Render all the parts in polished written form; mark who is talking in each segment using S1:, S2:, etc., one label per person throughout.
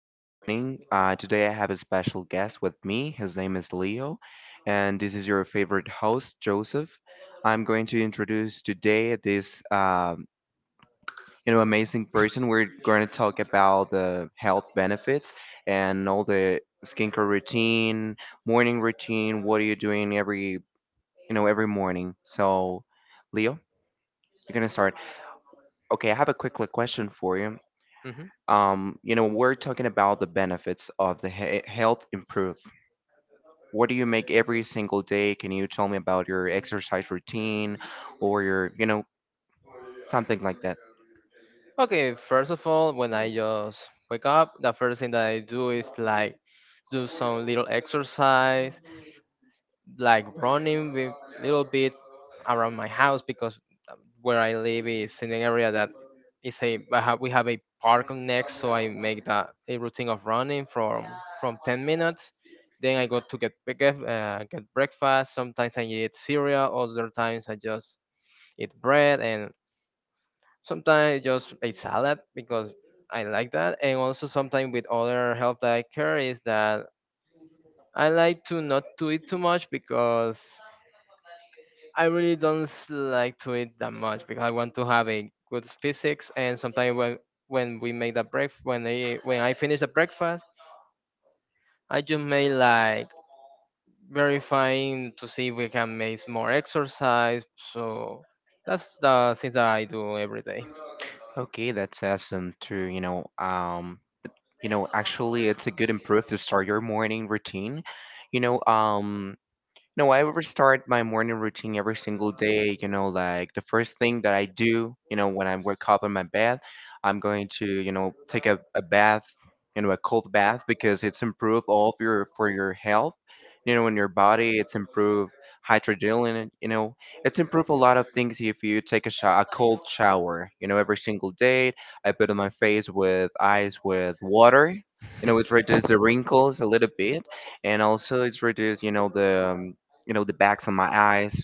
S1: for joining. Today, I have a special guest with me. His name is Leo, and this is your favorite host, Joseph. I'm going to introduce today this amazing person. We're going to talk about the health benefits and all the skincare routine, morning routine. What are you doing every every morning? So, Leo, you're gonna start. Okay, I have a quick like, question for you.
S2: hmm
S1: We're talking about the benefits of the health improve. What do you make every single day? Can you tell me about your exercise routine or your something like that?
S2: Okay, first of all, when I just wake up, the first thing that I do is like do some little exercise, like running with little bit around my house because uh, where I live is in an area that is a I have, we have a park next, so I make that a routine of running from 10 minutes. Then I go to get get breakfast. Sometimes I eat cereal. Other times I just eat bread and. Sometimes just a salad because I like that, and also sometimes with other help that I care is that I like to not to eat too much because I really don't s- like to eat that much because I want to have a good physics. And sometimes when we make the breakfast, when I finish the breakfast, I just may like verifying to see if we can make more exercise. So that's the things that I do every day.
S1: Okay, that's awesome to, you know, actually it's a good improve to start your morning routine. You know, um, No, I would start my morning routine every single day. You know, like the first thing that I do, you know, when I wake up in my bed, I'm going to, you know, take a bath, you know, a cold bath because it's improved all of your for your health, you know, in your body. It's improved hydrogen, you know, it's improved a lot of things if you take a, sho a cold shower, you know, every single day. I put on my face with ice with water. You know, it reduces the wrinkles a little bit, and also it's reduced, you know, the bags on my eyes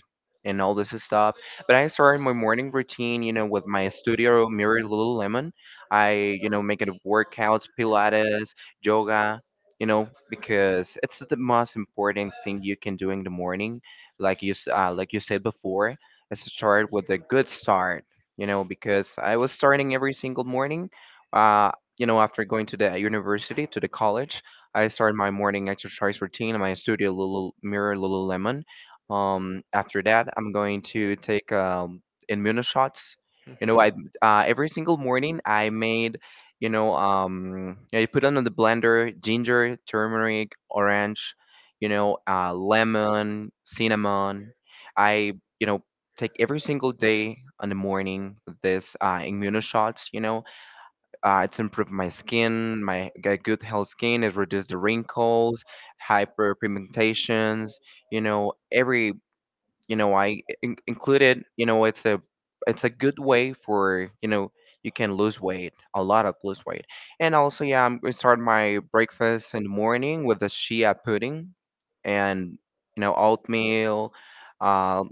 S1: and all this stuff. But I started my morning routine, you know, with my studio mirror Lululemon. I, you know, make it workouts, Pilates, yoga, you know, because it's the most important thing you can do in the morning. Like like you said before, is to start with a good start, you know, because I was starting every single morning. Uh, you know, after going to the university, to the college, I started my morning exercise routine in my studio mirror Lululemon. After that, I'm going to take immuno shots. You know,
S2: Mhm.
S1: I every single morning I made, yeah, you put on the blender ginger, turmeric, orange, you know, lemon, cinnamon. I, you know, take every single day in the morning this immuno shots. You know, it's improved my skin, my get good health skin. It reduced the wrinkles, hyperpigmentations. You know, every, you know, included, you know, it's a, it's a good way for, you know, you can lose weight a lot of lose weight, and also, yeah, I'm gonna start my breakfast in the morning with a shea pudding, and, you know, oatmeal. uh,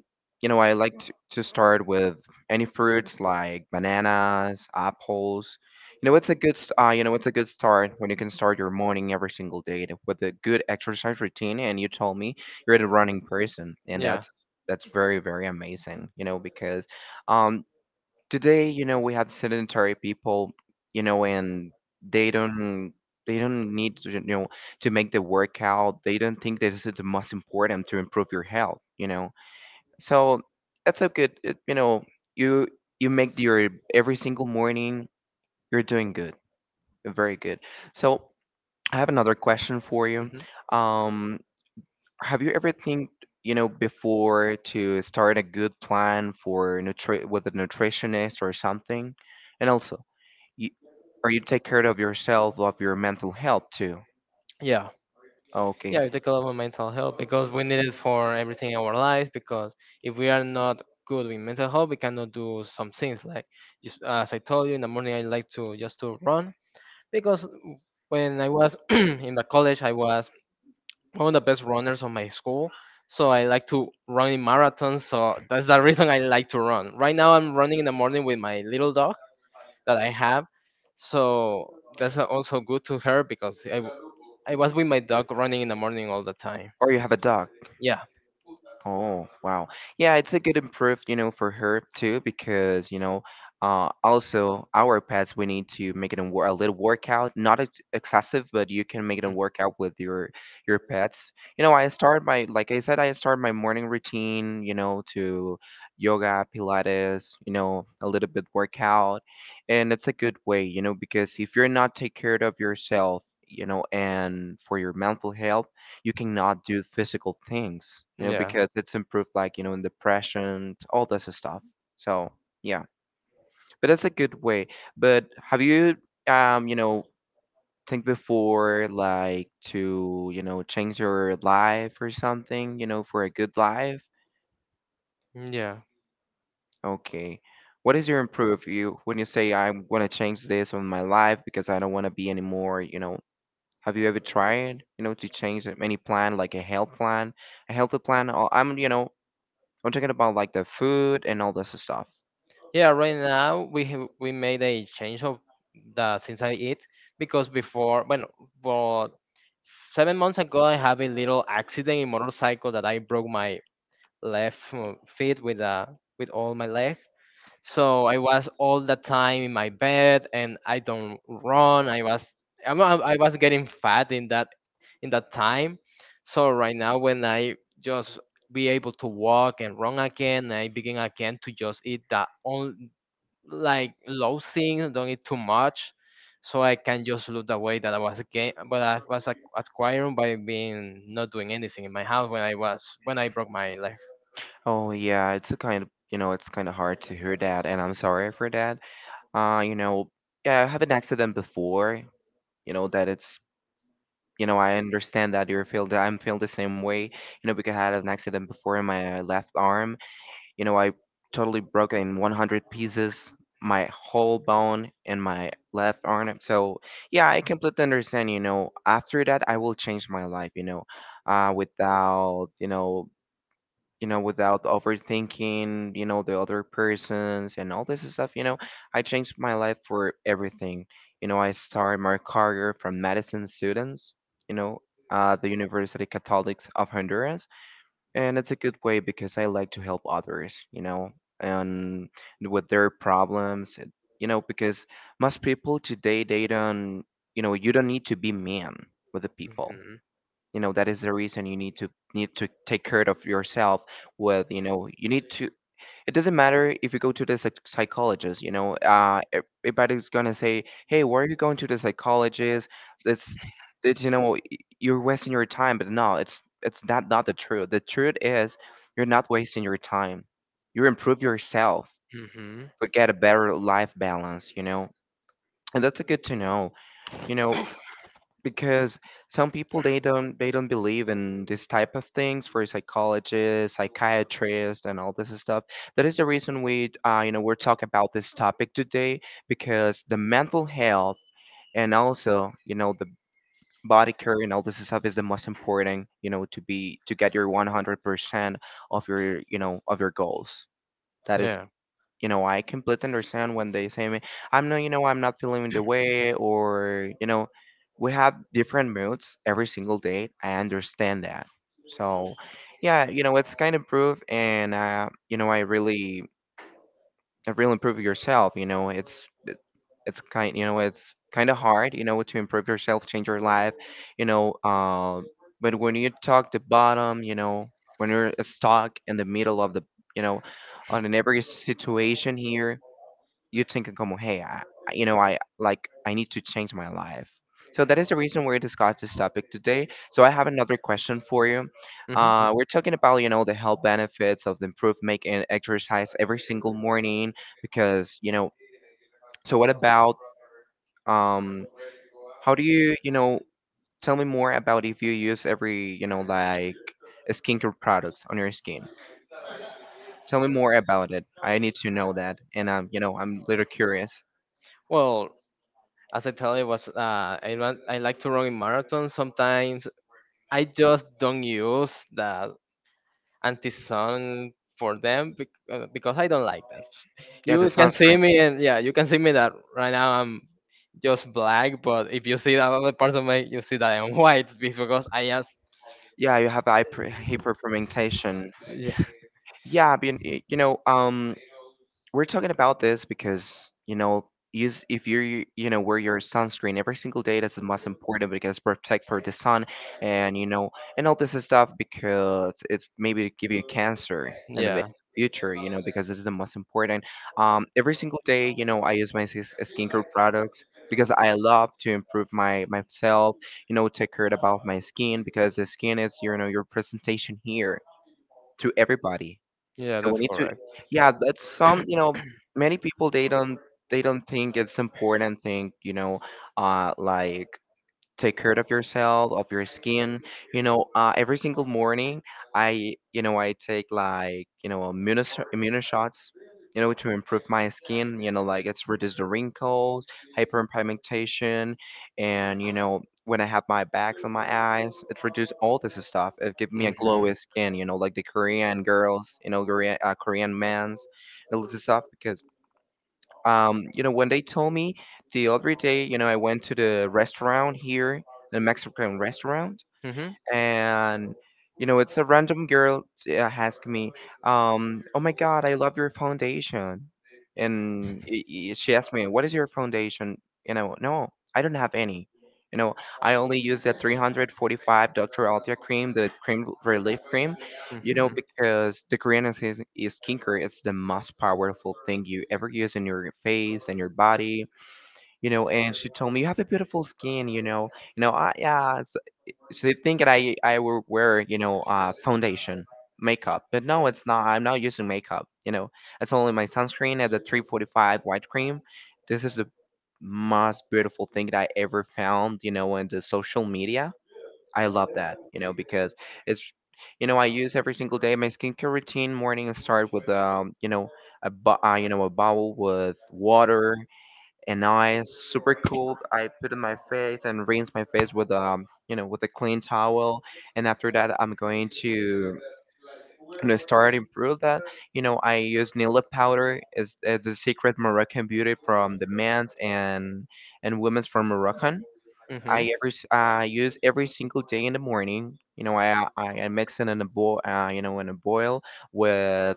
S1: you know, I like to start with any fruits like bananas, apples. You know, it's a you know, it's a good start when you can start your morning every single day with a good exercise routine, and you told me you're a running person, and
S2: Yeah.
S1: that's very amazing, you know, because um today, you know, we have sedentary people, you know, and they don't, they don't need to, you know, to make the workout. They don't think this is the most important to improve your health, you know. So that's a good it, you know, you you make your every single morning. You're doing good, very good. So I have another question for you.
S2: Hmm.
S1: um have you ever think, you know, before to start a good plan for nutri with a nutritionist or something? And also, you, are you take care of yourself, of your mental health too?
S2: Yeah.
S1: Okay.
S2: Yeah, we take a lot of mental health because we need it for everything in our life. Because if we are not good with mental health, we cannot do some things. Like just, as I told you in the morning, I like to just to run because when I was in the college, I was one of the best runners of my school. So I like to run in marathons. So that's the reason I like to run. Right now, I'm running in the morning with my little dog that I have. So that's also good to her because I was with my dog running in the morning all the time.
S1: Or you have a dog.
S2: Yeah.
S1: Oh, wow. Yeah, it's a good improve, you know, for her too, because, you know, also our pets, we need to make it a, a little workout, not ex excessive, but you can make it a
S2: Mm.
S1: workout with your pets. You know, I start my, like I said, I start my morning routine, you know, to yoga, Pilates, you know, a little bit workout. And it's a good way, you know, because if you're not take care of yourself, you know, and for your mental health, you cannot do physical things, you know,
S2: Yeah.
S1: because it's improved like, you know, in depression, all this stuff. So yeah. But that's a good way. But have you um, you know, think before like to, you know, change your life or something, you know, for a good life?
S2: Mm, yeah.
S1: Okay. What is your improve you when you say I want to change this on my life because I don't want to be anymore, you know? Have you ever tried, you know, to any plan like a health plan? A healthy plan. Or I'm, you know, I'm talking about like the food and all this stuff.
S2: Yeah, right now we have, we made a change of the since I eat because before, well, 7 months ago I have a little accident in motorcycle that I broke my left feet with with all my leg. So I was all the time in my bed, and I don't run. I was getting fat in that time. So right now, when I just be able to walk and run again, I begin again to just eat that on like low things, don't eat too much, so I can just lose the weight that I was again, but I was acquiring by being not doing anything in my house when I was when I broke my leg.
S1: Oh yeah, it's a kind of, you know, it's kind of hard to hear that, and I'm sorry for that. You know, yeah, I have an accident before. You know that it's, you know, I understand that you feel that I'm feel the same way. You know, because I had an accident before in my left arm. You know, I totally broke in 100 pieces my whole bone in my left arm. So yeah, I completely understand. You know, after that I will change my life. You know, without, you know, you know, without overthinking, you know, the other persons and all this stuff, you know, I changed my life for everything. You know, I started my career from medicine students, you know, the University Catholics of Honduras. And it's a good way because I like to help others, you know, and with their problems, and, you know, because most people today, they don't, you know, you don't need to be mean with the people.
S2: Mhm.
S1: You know, that is the reason you need to need to take care of yourself with, you know, you need to, it doesn't matter if you go to the psychologist. You know, everybody's gonna say, hey, why are you going to the psychologist? it's it's, you know, you're wasting your time. But no, it's, it's not not the truth. The truth is you're not wasting your time. You improve yourself
S2: Hmm.
S1: to get a better life balance, you know. And that's a good to know, you know, because some people they don't, they don't believe in this type of things for psychologists, psychiatrists, and all this stuff. That is the reason we you know, we're talking about this topic today because the mental health and also, you know, the body care and all this stuff is the most important, you know, to be to get your 100% of your, you know, of your goals. That is,
S2: Yeah.
S1: you know, I completely understand when they say me I'm not, you know, I'm not feeling the way, or, you know, we have different moods every single day. I understand that. So yeah, you know, it's kind of proof, and you know, I really, I really improve yourself. You know, it's it's kind, you know, it's kind of hard, you know, to improve yourself, change your life, you know, but when you talk the bottom, you know, when you're stuck in the middle of the, you know, on an every situation here, you're thinking como, hey, you know, I like I need to change my life. So that is the reason we're discussing this topic today. So I have another question for you.
S2: Hmm.
S1: We're talking about, you know, the health benefits of the improved making exercise every single morning because you know. So what about um how do you, you know, tell me more about if you use every, you know, like skincare products on your skin? Tell me more about it. I need to know that, and you know, I'm little curious.
S2: Well, as I tell you, was I run, I like to run in marathons. Sometimes I just don't use the anti-sun for them because I don't like that.
S1: Yeah, the
S2: You can see
S1: sunscreen.
S2: me, and yeah, you can see me that right now I'm just black. But if you see the other parts of me, you see that I'm white because I just
S1: Yeah, you have hyperpigmentation.
S2: yeah,
S1: Yeah, but you know, we're talking about this because, you know, use if you're you, you know, wear your sunscreen every single day. That's the most important because protect for the sun, and you know, and all this stuff because it's maybe give you cancer in the
S2: yeah,
S1: future. You know, because this is the most important. Every single day, you know, I use my skincare products. Because I love to improve my myself, you know, take care about my skin because the skin is, you know, your presentation here to everybody.
S2: yeah.
S1: So we
S2: That's
S1: need to,
S2: correct.
S1: yeah, that's some, you know, many people they don't, they don't think it's important thing, you know, like take care of yourself, of your skin. You know, every single morning, I, you know, I take like, you know, immuno shots, you know, to improve my skin. You know, like it's reduce the wrinkles, hyperpigmentation, and you know, when I have my bags on my eyes, it reduce all this stuff. It give me a
S2: Mm-hmm.
S1: glowy skin. You know, like the Korean girls, you know, Korean Korean men's, all this stuff because you know, when they told me the other day, you know, I went to the restaurant here, the Mexican restaurant,
S2: Mm-hmm.
S1: and you know it's a random girl ask me, oh my god, I love your foundation. And she asked me, what is your foundation? You know, no, I don't have any, you know, I only use that 345 Dr. Althea cream, the cream relief cream, you know,
S2: Mm-hmm.
S1: because the Korean is skincare, it's the most powerful thing you ever use in your face and your body. You know, and she told me, you have a beautiful skin, you know. You know, I, yeah, so they think that I will wear, you know, foundation makeup, but no, it's not. I'm not using makeup. You know, it's only my sunscreen and the 345 white cream. This is the most beautiful thing that I ever found. You know, in the social media, I love that. You know, because it's you know I use every single day. My skincare routine morning start with you know a you know a bowl with water, and now I super cold. I put in my face and rinse my face with you know with a clean towel, and after that I'm going to you know start improve that. You know I use Nila powder. It's a secret Moroccan beauty from the men's and women's from Moroccan.
S2: Mm-hmm.
S1: I I use every single day in the morning. You know I mix it in a boil you know in a boil with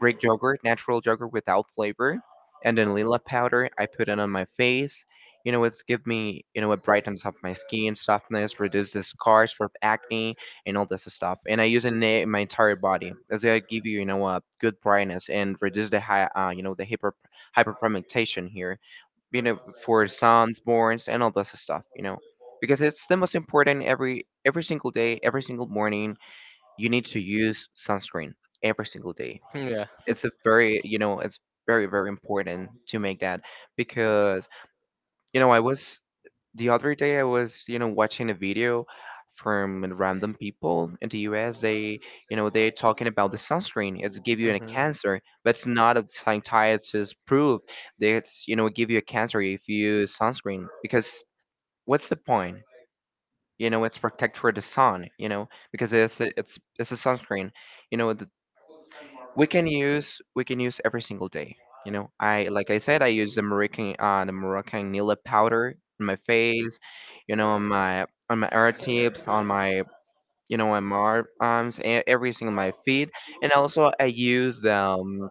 S1: Greek yogurt, natural yogurt without flavor, and then lila powder I put it on my face, you know, it's give me, you know, it brightens up my skin, softness, reduces scars for acne and all this stuff. And I use it in my entire body. It's gonna give you, you know, a good brightness and reduce the high you know the hyperpigmentation here, you know, for sunburns and all this stuff, you know, because it's the most important. Every single day, every single morning you need to use sunscreen every single day.
S2: Yeah.
S1: It's a very, you know, it's very, very important to make that, because you know I was, the other day I was, you know, watching a video from random people in the US. They, you know, they're talking about the sunscreen, it's give you a
S2: Mm-hmm.
S1: cancer, but it's not a scientist proof that it's, you know, give you a cancer if you use sunscreen. Because what's the point, you know, it's protect for the sun, you know, because it's a sunscreen, you know. We can use every single day, you know, I like I said, I use the Moroccan the Moroccan nail powder on my face, you know, on my air tips, on my, you know, on my arms, everything on my feet. And also I use the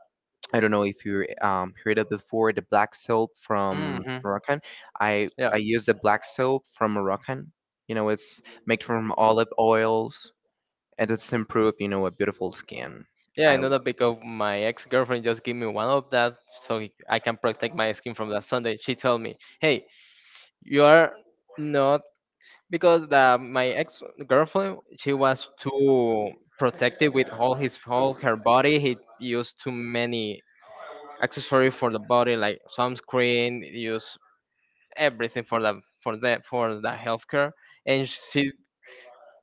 S1: I don't know if you heard it before, the black soap from
S2: Mm-hmm.
S1: Moroccan. i
S2: Yeah.
S1: i use the black soap from Moroccan, you know, it's made from olive oils, and it's improved, you know, a beautiful skin.
S2: Yeah, I know that because my ex-girlfriend just gave me one of that so he- I can protect my skin from that Sunday. She told me, "Hey, you are not because the, my ex-girlfriend she was too protective with all his all her body. He used too many accessory for the body like sunscreen use everything for the for the for the healthcare, and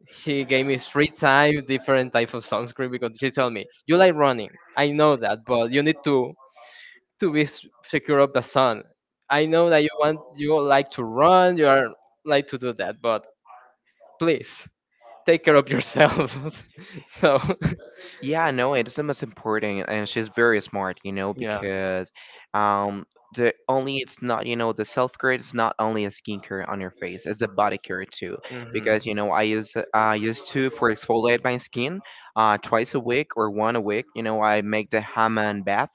S2: she gave me three times different type of sunscreen because she told me you like running, I know that, but you need to secure of the sun. I know that you want, you like to run, you are like to do that, but please take care of yourself." So.
S1: Yeah, no, it's the most important, and she's very smart, you know,
S2: Yeah.
S1: because um, the only, it's not, you know, the self care is not only a skincare on your face, it's a body care too.
S2: Hmm.
S1: Because you know, I used to for exfoliate my skin, twice a week or one a week. You know, I make the Hammam bath.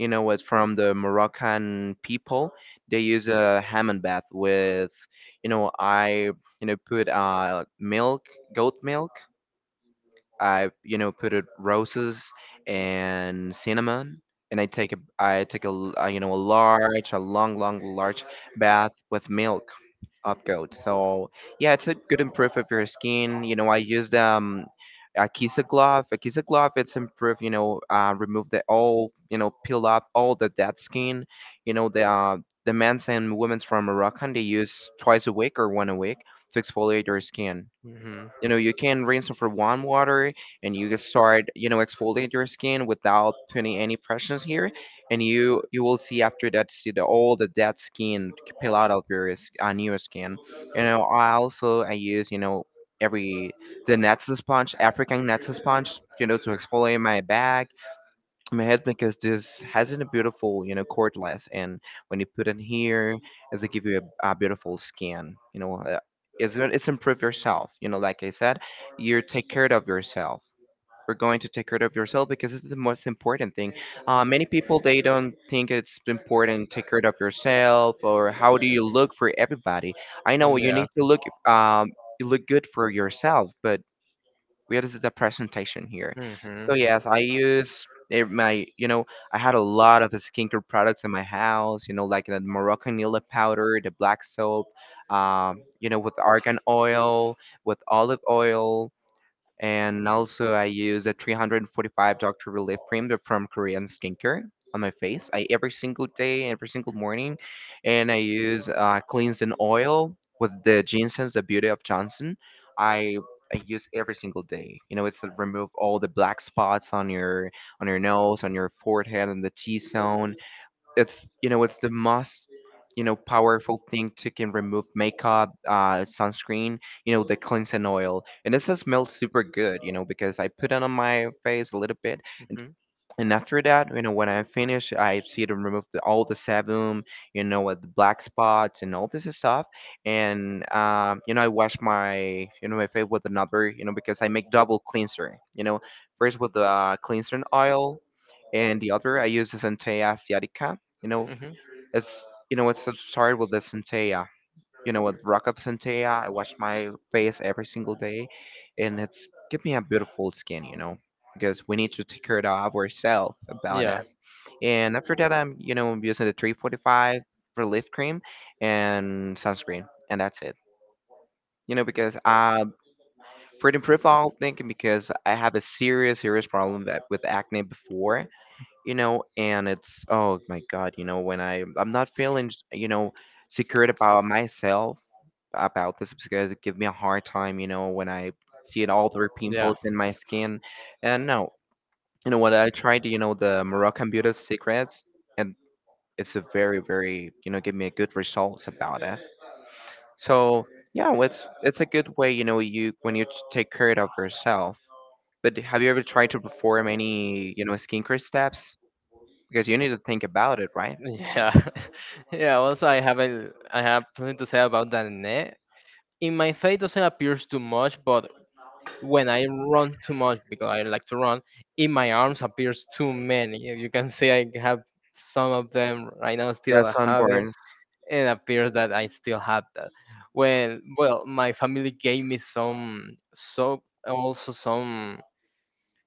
S1: You know, it's from the Moroccan people. They use a Hammam bath with, you know, I you know put milk, goat milk. I you know put it roses and cinnamon, and I take a, you know, a large a long large bath with milk of goat. So yeah, it's a good improve of your skin. You know I used a Kisa glove. A Kisa glove, it's improve, you know, remove the all, you know, peel up all the dead skin. You know the men's and women's from Moroccan, they use twice a week or one a week to exfoliate your skin.
S2: Hmm.
S1: You know you can rinse for warm water, and you can start, you know, exfoliate your skin without putting any pressures here, and you will see after that, see the all the dead skin peel out of your new skin. You know I also I use, you know, every the nets sponge, African nets sponge, you know, to exfoliate my back, my head, because this has a beautiful, you know, cordless, and when you put it here, it's to give you a beautiful skin, you know, it's it's improve yourself, you know, like I said, you take care of yourself. We're going to take care of yourself because it's the most important thing. Many people they don't think it's important to take care of yourself or how do you look for everybody. I know you
S2: Yeah.
S1: need to look, um you look good for yourself, but where is the presentation here?
S2: Hmm. Hmm.
S1: So yes, I use, my, you know, I had a lot of skincare products in my house. You know, like the Moroccan Nila powder, the black soap, you know, with argan oil, with olive oil, and also I use a 345 Dr. Relief Cream, they're from Korean Skincare, on my face. I every single day, every single morning, and I use cleansing oil with the ginseng, the beauty of Johnson. I I use every single day. You know, it's to remove all the black spots on your, on your nose, on your forehead, and the T zone. It's, you know, it's the most, you know, powerful thing to can remove makeup, sunscreen, you know, the cleansing oil, and this just smells super good, you know, because I put it on my face a little bit, and
S2: Hmm.
S1: and after that, you know, when I finish, I see to remove the, all the sebum, you know, with the black spots and all this stuff. And you know, I wash my, you know, my face with another, you know, because I make double cleanser. You know, first with the cleanser oil, and the other I use the Centella asiatica. You know, it's, you know, it's started with the Centella, you know, with Rock Up Sentea, I wash my face every single day, and it's give me a beautiful skin, you know, because we need to take care of ourselves about it.
S2: Yeah.
S1: And after that, I'm, you know, using the 345 relief cream and sunscreen, and that's it. You know, because for the improve, I'll think, because I have a serious, serious problem that with acne before, you know, and it's oh my god, you know, when I'm not feeling, you know, secured about myself about this, because it give me a hard time, you know, when I see it all the
S2: Yeah.
S1: pimples in my skin. And no, you know what? I tried, you know, the Moroccan Beauty Secrets, and it's a very, very, you know, give me a good results about it. So yeah, well, it's a good way, you know, you when you take care of yourself. But have you ever tried to perform any, you know, skincare steps? Because you need to think about it, right?
S2: Yeah. Yeah, also I have a I have something to say about that. In my face doesn't appears too much, but when I run too much because I like to run, in my arms appears too many. You can see I have some of them right now,
S1: Yeah,
S2: still I have it.
S1: sunburn.
S2: It appears that I still have that. Well, well, my family gave me some soap, also some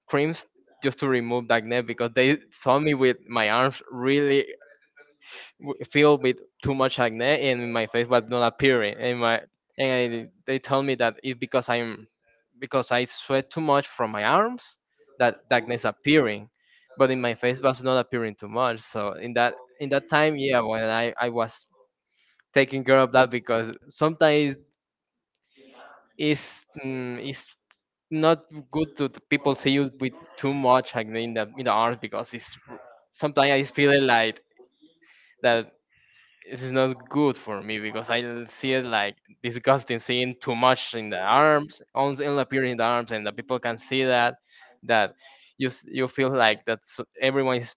S2: creams just to remove the acne because they saw me with my arms really filled with too much acne and my face was not appearing. And my and I, they told me that it's because I'm because I sweat too much from my arms that the acne is appearing, but in my face was not appearing too much. So in that time, yeah, when I was taking care of that because sometimes it's it's not good to people see you with too much acne in the arms because it's sometimes I feel it like that it is not good for me because I see it like disgusting seeing too much in the arms on appearing in the arms and the people can see that that you you feel like that everyone is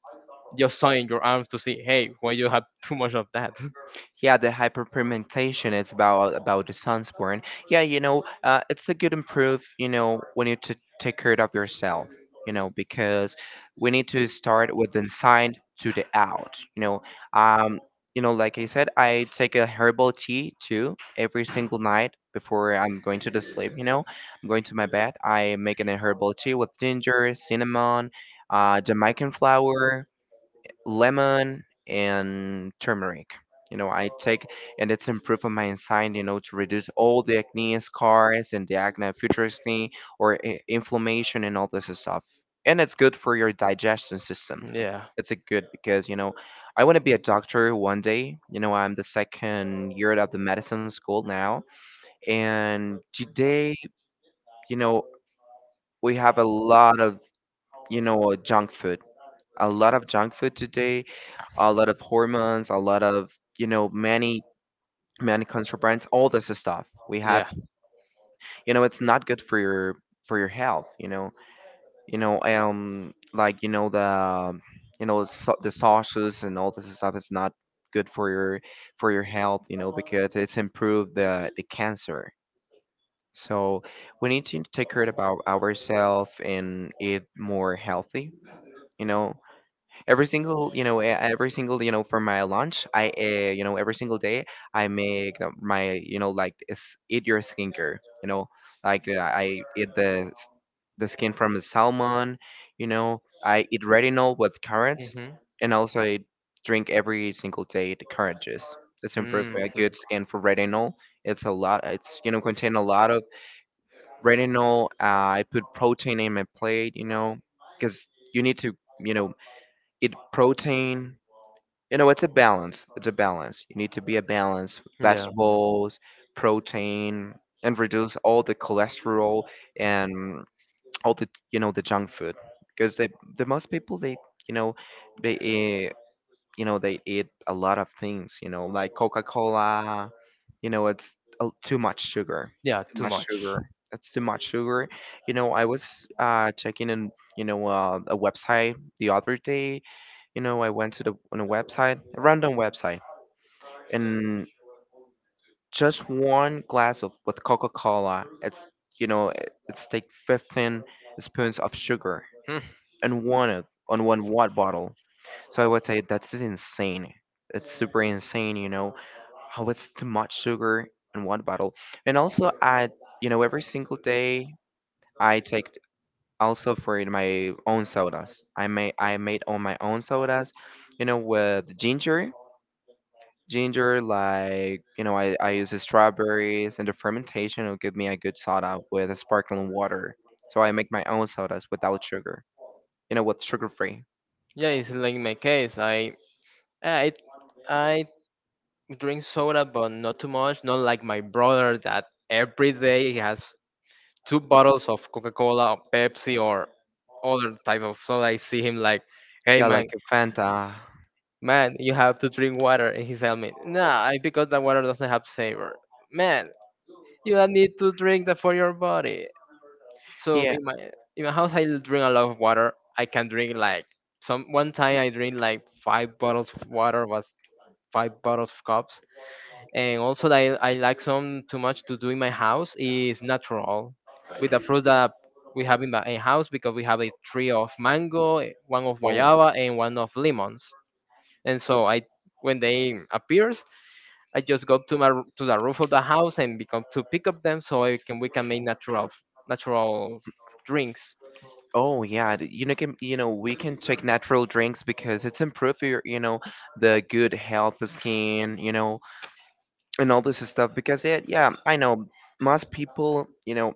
S2: just sawing your arms to see hey why you have too much of that.
S1: Yeah, the hyperpigmentation is about the sunburn. Yeah, you know, it's a good improve. You know, when you to take care of yourself. You know, because we need to start with the inside to the out. Um, you know, like I said, I take a herbal tea too every single night before I'm going to the sleep. You know, I'm going to my bed. I make an herbal tea with ginger, cinnamon, Jamaican flower, lemon and turmeric. You know, I take, and it's improved on my enzyme, you know, to reduce all the acne scars and the acne, future acne, or inflammation and all this stuff. And it's good for your digestion system.
S2: Yeah.
S1: It's a good because, you know, I want to be a doctor one day. You know, I'm the second year of the medicine school now. And today, you know, we have a lot of, you know, junk food, a lot of junk food today, a lot of hormones, a lot of, you know, many contrabands, all this stuff. We have,
S2: Yeah.
S1: you know, it's not good for your health, you know. You know, like, you know, the you know, so, The sauces and all this stuff is not good for your health, you know, because it's improved the cancer. So we need to take care about ourselves and eat more healthy, you know every single you know eh, every single you know for my lunch I every single day I make my like is eat your skincare. you know like I eat the skin from the salmon. You know, I eat retinol with carrots,
S2: Mhm.
S1: and also I drink every single day the carrot juice. It's improved
S2: Mhm.
S1: a good skin for retinol. It's a lot, it's you know, contain a lot of retinol. I put protein in my plate, you know, because you need to, you know, eat protein. You know, it's a balance. It's a balance. You need to be a balance.
S2: Yeah.
S1: Vegetables, protein, and reduce all the cholesterol and all the, you know, the junk food, because the most people they, you know, they eat, you know, they eat a lot of things. You know, like Coca Cola. You know, it's too much sugar,
S2: Yeah,
S1: too
S2: too
S1: much
S2: much.
S1: sugar. That's too much sugar. You know, I was checking in, you know, a website the other day. You know, I went to the on a website, a random website, and just one glass of with Coca-Cola, it's, you know, it's take 15 spoons of sugar
S2: Hmm.
S1: and on one watt bottle. So I would say that's insane. It's super insane, you know, how it's too much sugar in one bottle. And also, I, you know, every single day. I take also for in my own sodas. I made on my own sodas, you know, with ginger, ginger, like you know, I use the strawberries and the fermentation will give me a good soda with a sparkling water. So I make my own sodas without sugar, you know, with sugar free.
S2: Yeah, it's like my case. I I drink soda, but not too much. Not like my brother that every day he has two bottles of Coca-Cola or Pepsi or other type of soda. I see him like, hey
S1: Yeah,
S2: man,
S1: like a Fanta.
S2: man, you have to drink water, and he's telling me, nah, I, because that water doesn't have savor. Man, you don't need to drink that for your body. So
S1: Yeah.
S2: in my house, I drink a lot of water. I can drink like some one time I drink like five bottles of water, was five bottles of cups. And also that I like some too much to do in my house is natural with the fruits that we have in my in house because we have a tree of mango, one of
S1: Oh.
S2: guayaba and one of lemons. And so I when they appears I just go to to the roof of the house and become to pick up them so I can we can make natural natural drinks.
S1: Oh yeah, you know, can, you know, we can take natural drinks because it's improve your, you know, the good health, the skin, you know, and all this stuff. Because it, yeah, I know most people, you know,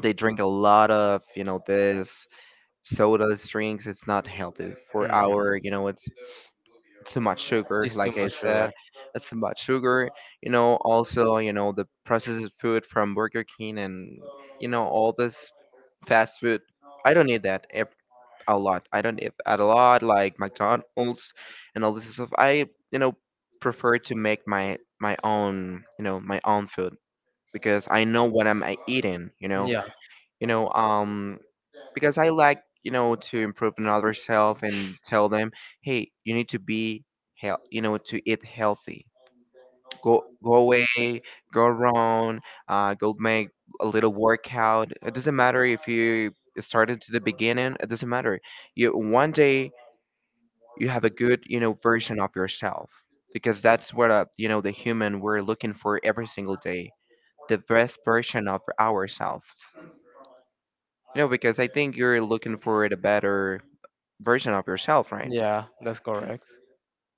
S1: they drink a lot of, you know, this sodas, drinks. It's not healthy for
S2: Hmm.
S1: our, you know, it's too much sugar.
S2: It's too
S1: Like I
S2: much
S1: said,
S2: sugar.
S1: it's too much sugar. You know, also, you know, the processed food from Burger King and, you know, all this fast food. I don't need that a lot. I don't eat at a lot like McDonald's and all this stuff. I, you know, prefer to make my own, you know, my own food, because I know what I'm eating.
S2: Yeah,
S1: You know um because I like, you know, to improve another self and tell them, hey, you need to be health, you know, to eat healthy. Go away, go around, go make a little workout. It doesn't matter if you started to the beginning, it doesn't matter. You one day you have a good, you know, version of yourself, because that's what, you know, the human we're looking for every single day, the best version of ourselves, you know, because I think you're looking for a better version of yourself, right?
S2: yeah, that's correct.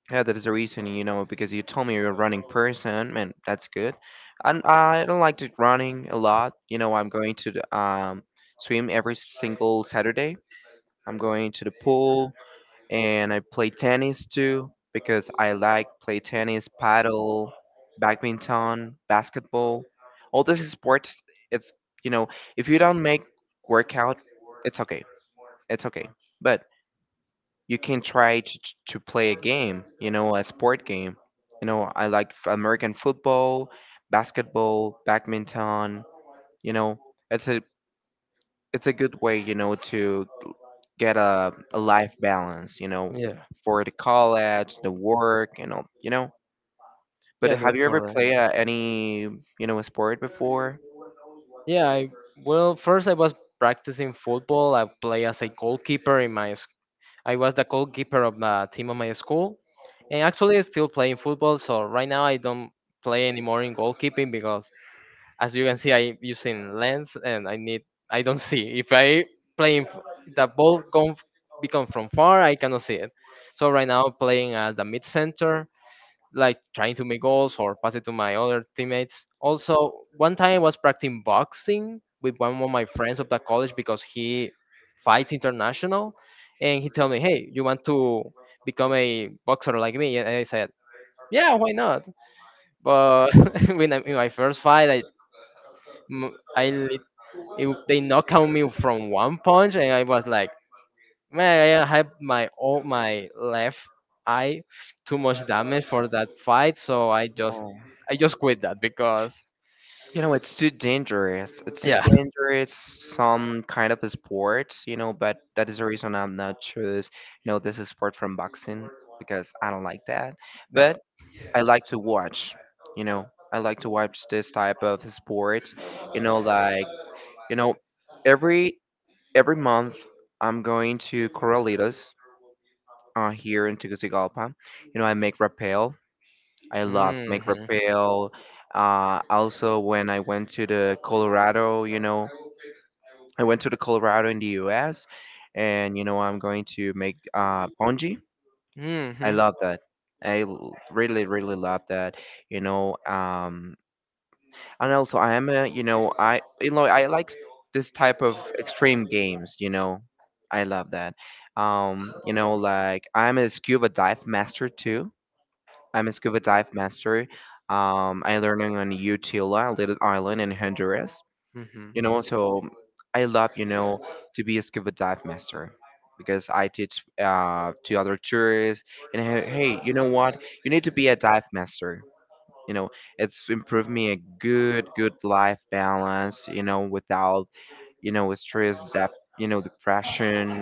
S1: Yeah, that is the reason, you know, because you told me you're a running person, and that's good. And I don't like to running a lot. You know, I'm going to the, swim every single Saturday. I'm going to the pool, and I play tennis too because I like play tennis, paddle, badminton, basketball. All this is sports. It's, you know, if you don't make workout, it's okay. It's okay, but you can try to play a game, you know, a sport game. You know, I like American football, basketball, badminton. You know, it's a it's a good way, you know, to get a life balance. You know,
S2: Yeah.
S1: for the college, the work, and all. You know, but
S2: Yeah,
S1: have
S2: that's
S1: you ever
S2: correct.
S1: played any, you know, a sport before?
S2: Yeah, I well, first I was practicing football. I play as a goalkeeper in my. I was the goalkeeper of the team of my school, and actually I still playing football. So right now I don't play anymore in goalkeeping because, as you can see, I using lens and I need. I don't see if I playing the ball come become from far. I cannot see it. So right now playing as the mid center like trying to make goals or pass it to my other teammates. Also, one time I was practicing boxing with one of my friends of the college because he fights international, and he told me, "Hey, you want to become a boxer like me?" And I said, "Yeah, why not?" But when I, in my first fight, I m- I lit- it, they knocked out me from one punch, and I was like, man, I had my all my left eye too much damage for that fight, so
S1: Oh.
S2: I just quit that because
S1: You know, it's too dangerous. It's too
S2: yeah,
S1: dangerous. Some kind of a sport, you know, but that is the reason I'm not choose. You know, this is sport from boxing because I don't like that.
S2: no.
S1: But I like to watch. You know, I like to watch this type of sports. You know, like, you know, every every month I'm going to Corralitos here in Tegucigalpa. You know, I make rappel. I love make
S2: Mhm.
S1: rappel. Also, when I went to the Colorado, you know. I went to the Colorado in the US, and you know, I'm going to make bungee. I
S2: Mhm.
S1: love that. Really really love that. You know, um, and also I am a, you know, I, you know, I like this type of extreme games, you know. I love that. Um, you know, like I'm a scuba dive master too. I'm a scuba dive master. I learning on Utila, a little island in Honduras.
S2: Mhm.
S1: You know, so I love, you know, to be a scuba dive master because I teach, to other tourists. And hey, hey, you know what? You need to be a dive master. You know, it's improved me a good, good life balance, you know, without, you know, stress, you know, depression.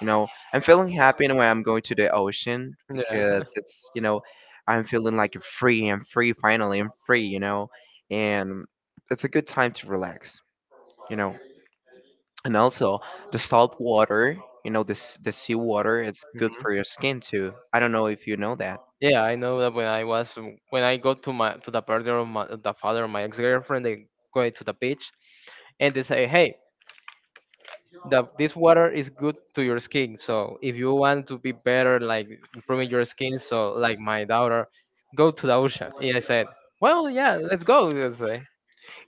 S1: You know, I'm feeling happy when I'm going to the ocean
S2: Yeah.
S1: because it's, you know, I'm feeling like free. I'm free finally. I'm free, you know, and it's a good time to relax, you know. And also the salt water, you know, this the sea water, it's good
S2: Mhm.
S1: for your skin too. I don't know if you know that.
S2: Yeah, I know that when I was when I go to my to the birthday of my the father of my ex girlfriend, they go to the beach and they say, "Hey, the this water is good to your skin, so if you want to be better like improving your skin, so like my daughter, go to the ocean." And I said, well, yeah, let's go, let's say.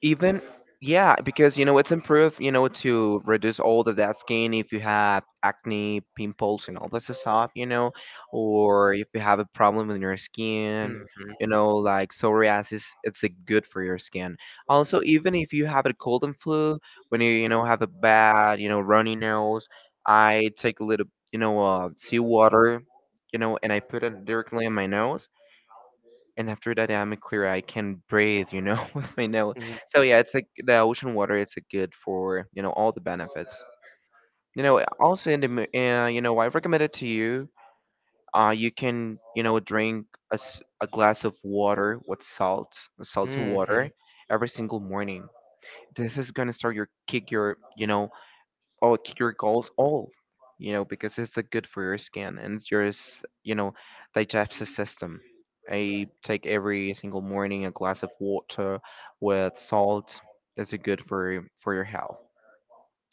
S1: Even yeah, because you know, it's improved, you know, to reduce all of that skin if you have acne pimples and all this stuff, you know, or if you have a problem with your skin, you
S2: Mm-hmm.
S1: know, like psoriasis, it's a good for your skin. Also, even if you have a cold and flu, when you know, have a bad, you know, runny nose, I take a little, you know, seawater, you know, and I put it directly in my nose, and after that I'm clear, I can breathe, you know, with my nose. So yeah, it's like the ocean water. It's a good for you know all the benefits. You know, also in the you know, I recommend it to you. You can, you know, drink a glass of water with salt, salty water,
S2: Hmm.
S1: every single morning. This is gonna start your kick your, you know, oh your goals all, you know, because it's, good for your skin, and it's your you know, digestive system. I take every single morning a glass of water with salt. It's, good for your health.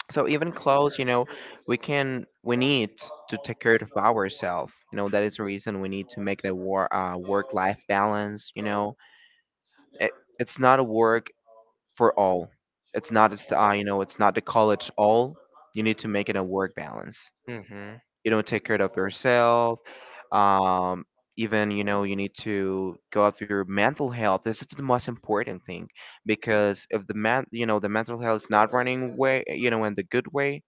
S1: So even clothes, you know, we need to take care of ourselves, you know, that is the reason we need to make the war work life balance, you know. It, it's not a work for all. It's not, it's, you know, it's not the college all. You need to make it a work balance.
S2: Hmm.
S1: You don't take care of yourself. Um, even, you know, you need to go up your mental health, this is the most important thing, because if the man, you know, the mental health is not running way, you know, in the good way,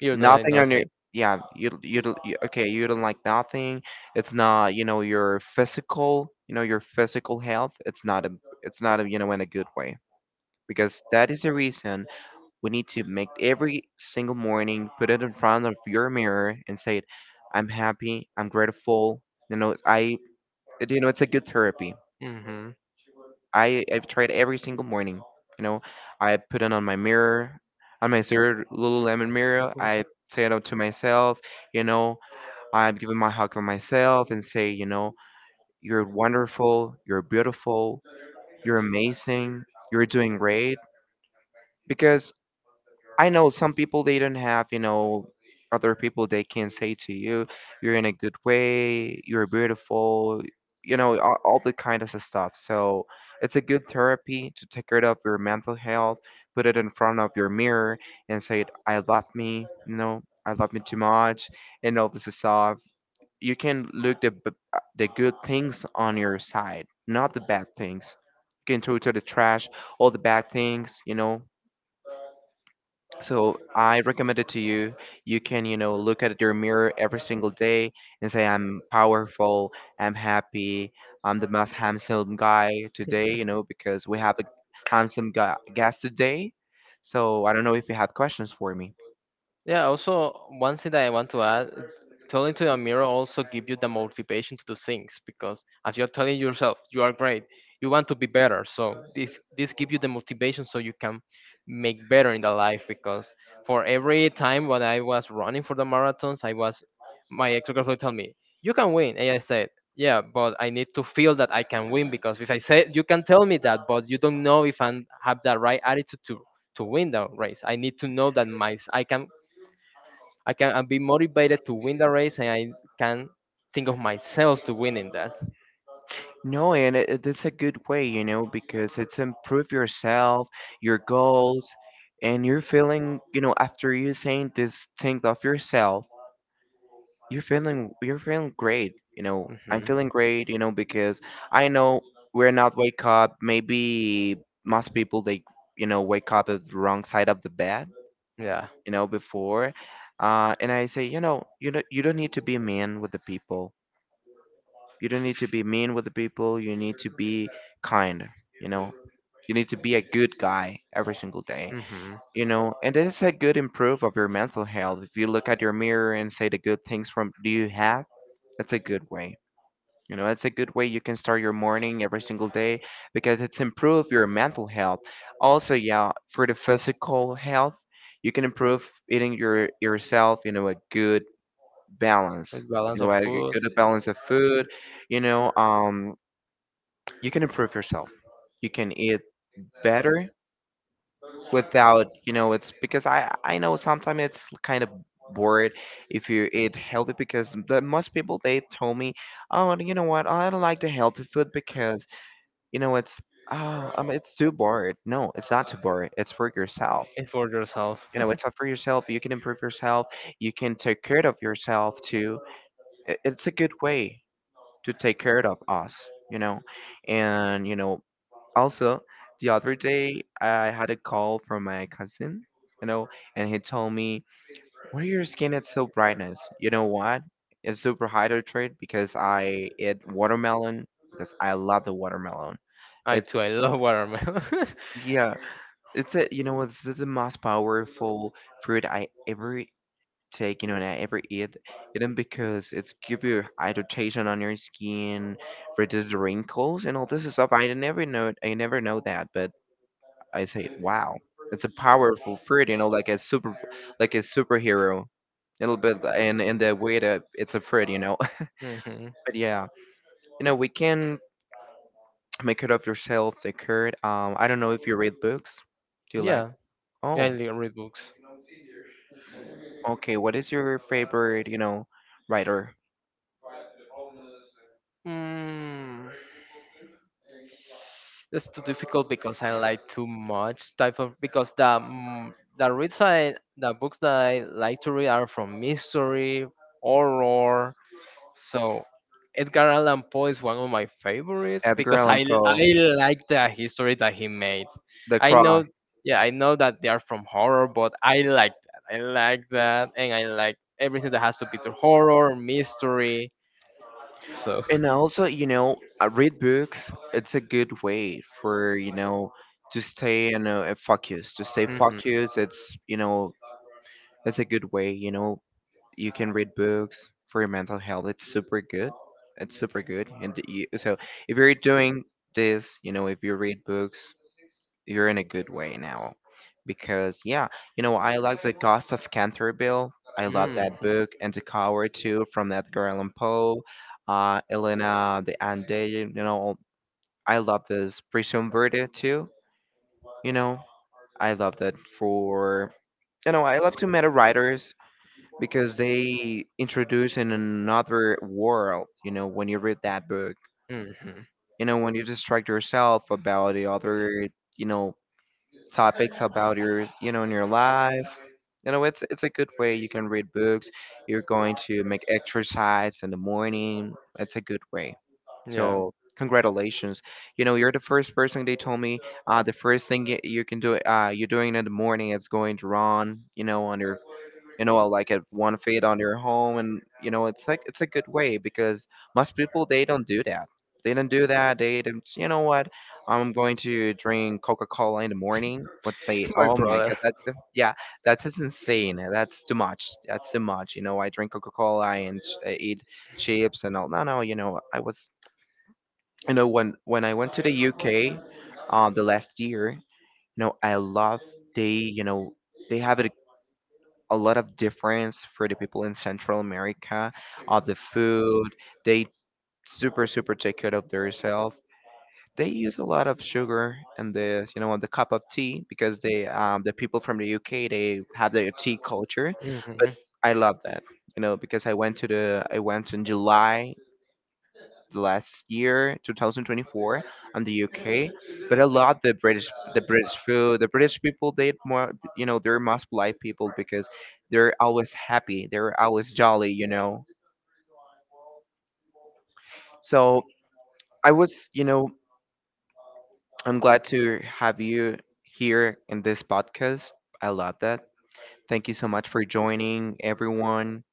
S2: You're doing
S1: nothing on your,
S2: nothing.
S1: yeah you, you okay, you don't like nothing. It's not, you know, your physical, you know, your physical health, it's not a, you know, in a good way, because that is the reason we need to make every single morning, put it in front of your mirror and say, I'm happy, I'm grateful. You know, I, you know, it's a good therapy.
S2: Hmm.
S1: I've tried every single morning. You know, I put it on my mirror, on my zero Lululemon mirror. I say it out to myself. You know, I'm giving my hug to myself and say, you know, you're wonderful, you're beautiful, you're amazing, you're doing great, because I know some people they don't have, you know, other people they can say to you, you're in a good way, you're beautiful, you know, all the kind of stuff. So it's a good therapy to take care of your mental health, put it in front of your mirror and say, I love me, you know, I love me too much, and all this stuff. You can look the good things on your side, not the bad things. You can throw to the trash all the bad things, you know, so I recommend it to you. You can, you know, look at your mirror every single day and say, I'm powerful, I'm happy, I'm the most handsome guy today, you know, because we have a handsome guy guest today. So I don't know if you have questions for me.
S2: Yeah, also one thing that I want to add, telling to the mirror also give you the motivation to do things because as you're telling yourself you are great, you want to be better. So this give you the motivation so you can make better in the life because for every time when I was running for the marathons, I was my ex-girlfriend would tell me, you can win. And I said, yeah, but I need to feel that I can win because if I say you can tell me that but you don't know if I have the right attitude to win the race. I need to know that my I can I'll be motivated to win the race, and I can think of myself to winning that.
S1: No, and it's a good way, you know, because it's improve yourself, your goals, and you're feeling, you know, after you saying this thing of yourself. You're feeling great, you know. I'm
S2: Hmm.
S1: feeling great, you know, because I know we're not wake up. Maybe most people they you know wake up at the wrong side of the bed,
S2: Yeah.
S1: you know, before. And I say, you know, you don't need to be mean with the people. You don't need to be mean with the people. You need to be kind, you know. You need to be a good guy every single day,
S2: Hmm.
S1: you know. And it's a good improve of your mental health. If you look at your mirror and say the good things from do you have, that's a good way. You know, that's a good way you can start your morning every single day because it's improve your mental health. Also, yeah, for the physical health, you can improve eating your yourself, you know, a good balance.
S2: It's
S1: You
S2: balance
S1: know,
S2: of
S1: a
S2: food
S1: good balance of food, you know, you can improve yourself. You can eat better without, you know, it's because I know sometimes it's kind of bored if you eat healthy because the most people they told me, oh, you know what? I don't like the healthy food because, you know, it's, oh, it's too bored. No, it's not too bored. It's for yourself.
S2: and for yourself.
S1: You know, it's up for yourself. You can improve yourself. You can take care of yourself too. It's a good way to take care of us. You know, and you know, also the other day I had a call from my cousin. You know, and he told me, "Why your skin is so brightness? You know what? It's super hydrated because I eat watermelon because I love the watermelon."
S2: I
S1: It's,
S2: too, I love watermelon.
S1: yeah, it's a, you know what, this is the most powerful fruit I ever take, you know, and I ever eat. Eaten because it's give you hydration on your skin, reduces wrinkles, and all this stuff. I never know that, but I say, wow, it's a powerful fruit, you know, like a super, like a superhero, a little bit, and in the way that it's a fruit, you know.
S2: Hmm.
S1: But yeah, you know, we can make it up yourself. The curd. I don't know if you read books. Do you like?
S2: Yeah, yeah, I
S1: Oh.
S2: li- read books.
S1: Okay, what is your favorite, you know, writer?
S2: Mm. It's too difficult because I like too much type of because the the read side the books that I like to read are from mystery, horror. So Edgar Allan Poe is one of my favorite
S1: Edgar
S2: because
S1: Allan Poe,
S2: I like the history that he makes.
S1: The
S2: I
S1: Crow.
S2: know yeah I know that they are from horror, but I like that and I like everything that has to be to horror mystery. So.
S1: And also, you know, I read books. It's a good way for, you know, to stay in a focus, to stay
S2: Mhm.
S1: focused. It's, you know, it's a good way, you know, you can read books for your mental health. It's super good. It's super good. And you, so if you're doing this, you know, if you read books, you're in a good way now. Because yeah, you know, I like The Ghost of Canterville. I love
S2: Mm.
S1: that book and The Coward too from Edgar Allan Poe, Elena the Ande, you know, I love this Prison Verde too. You know, I love that for, you know, I love to meta writers because they introduce in another world, you know, when you read that book.
S2: Hmm.
S1: You know, when you distract yourself about the other, you know, topics about your you know in your life, you know, it's a good way. You can read books, you're going to make exercise in the morning, it's a good way.
S2: Yeah,
S1: So congratulations, you know, you're the first person they told me, the first thing you can do, you're doing in the morning is going to run, you know, on your, you know, like at 1 feet on your home, and you know it's like it's a good way because most people they don't do that. They don't do that. They don't you know what, I'm going to drink Coca-Cola in the morning. Let's say,
S2: my
S1: oh my
S2: brother.
S1: god, that's, yeah, that's insane. That's too much. That's too much. You know, I drink Coca-Cola and I eat chips and all, no, no. You know, I was, you know, when I went to the UK, the last year, you know, I love, they, you know, they have it a lot of difference for the people in Central America of the food. They super super take care of themselves. They use a lot of sugar in this, you know, on the cup of tea because they, the people from the UK they have their tea culture. But
S2: Hmm.
S1: I love that, you know, because I went to the I went in July the last year, 2024, on the UK. But I love the British food. The British people, they more, you know, they're most polite people because they're always happy. They're always jolly, you know. So I was, you know, I'm glad to have you here in this podcast. I love that. Thank you so much for joining, everyone.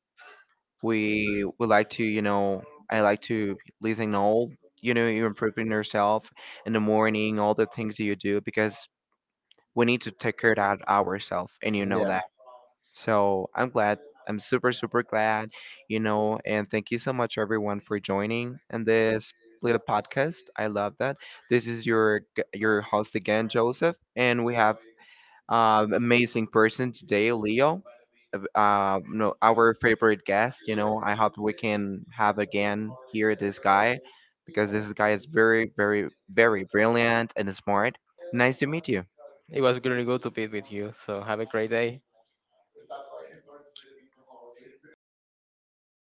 S1: We would like to, you know, I like to listen all, you know, you improving yourself in the morning, all the things that you do because we need to take care of ourselves, and you know
S2: Yeah,
S1: that, so I'm glad. I'm super super glad, you know, and thank you so much everyone for joining in this little podcast. I love that. This is your your host again, Joseph, and we have, amazing person today, Leo. No, our favorite guest, you know, I hope we can have again here this guy because this guy is very very very brilliant and smart. Nice to meet you.
S2: it was really good to be with you. So have a great day.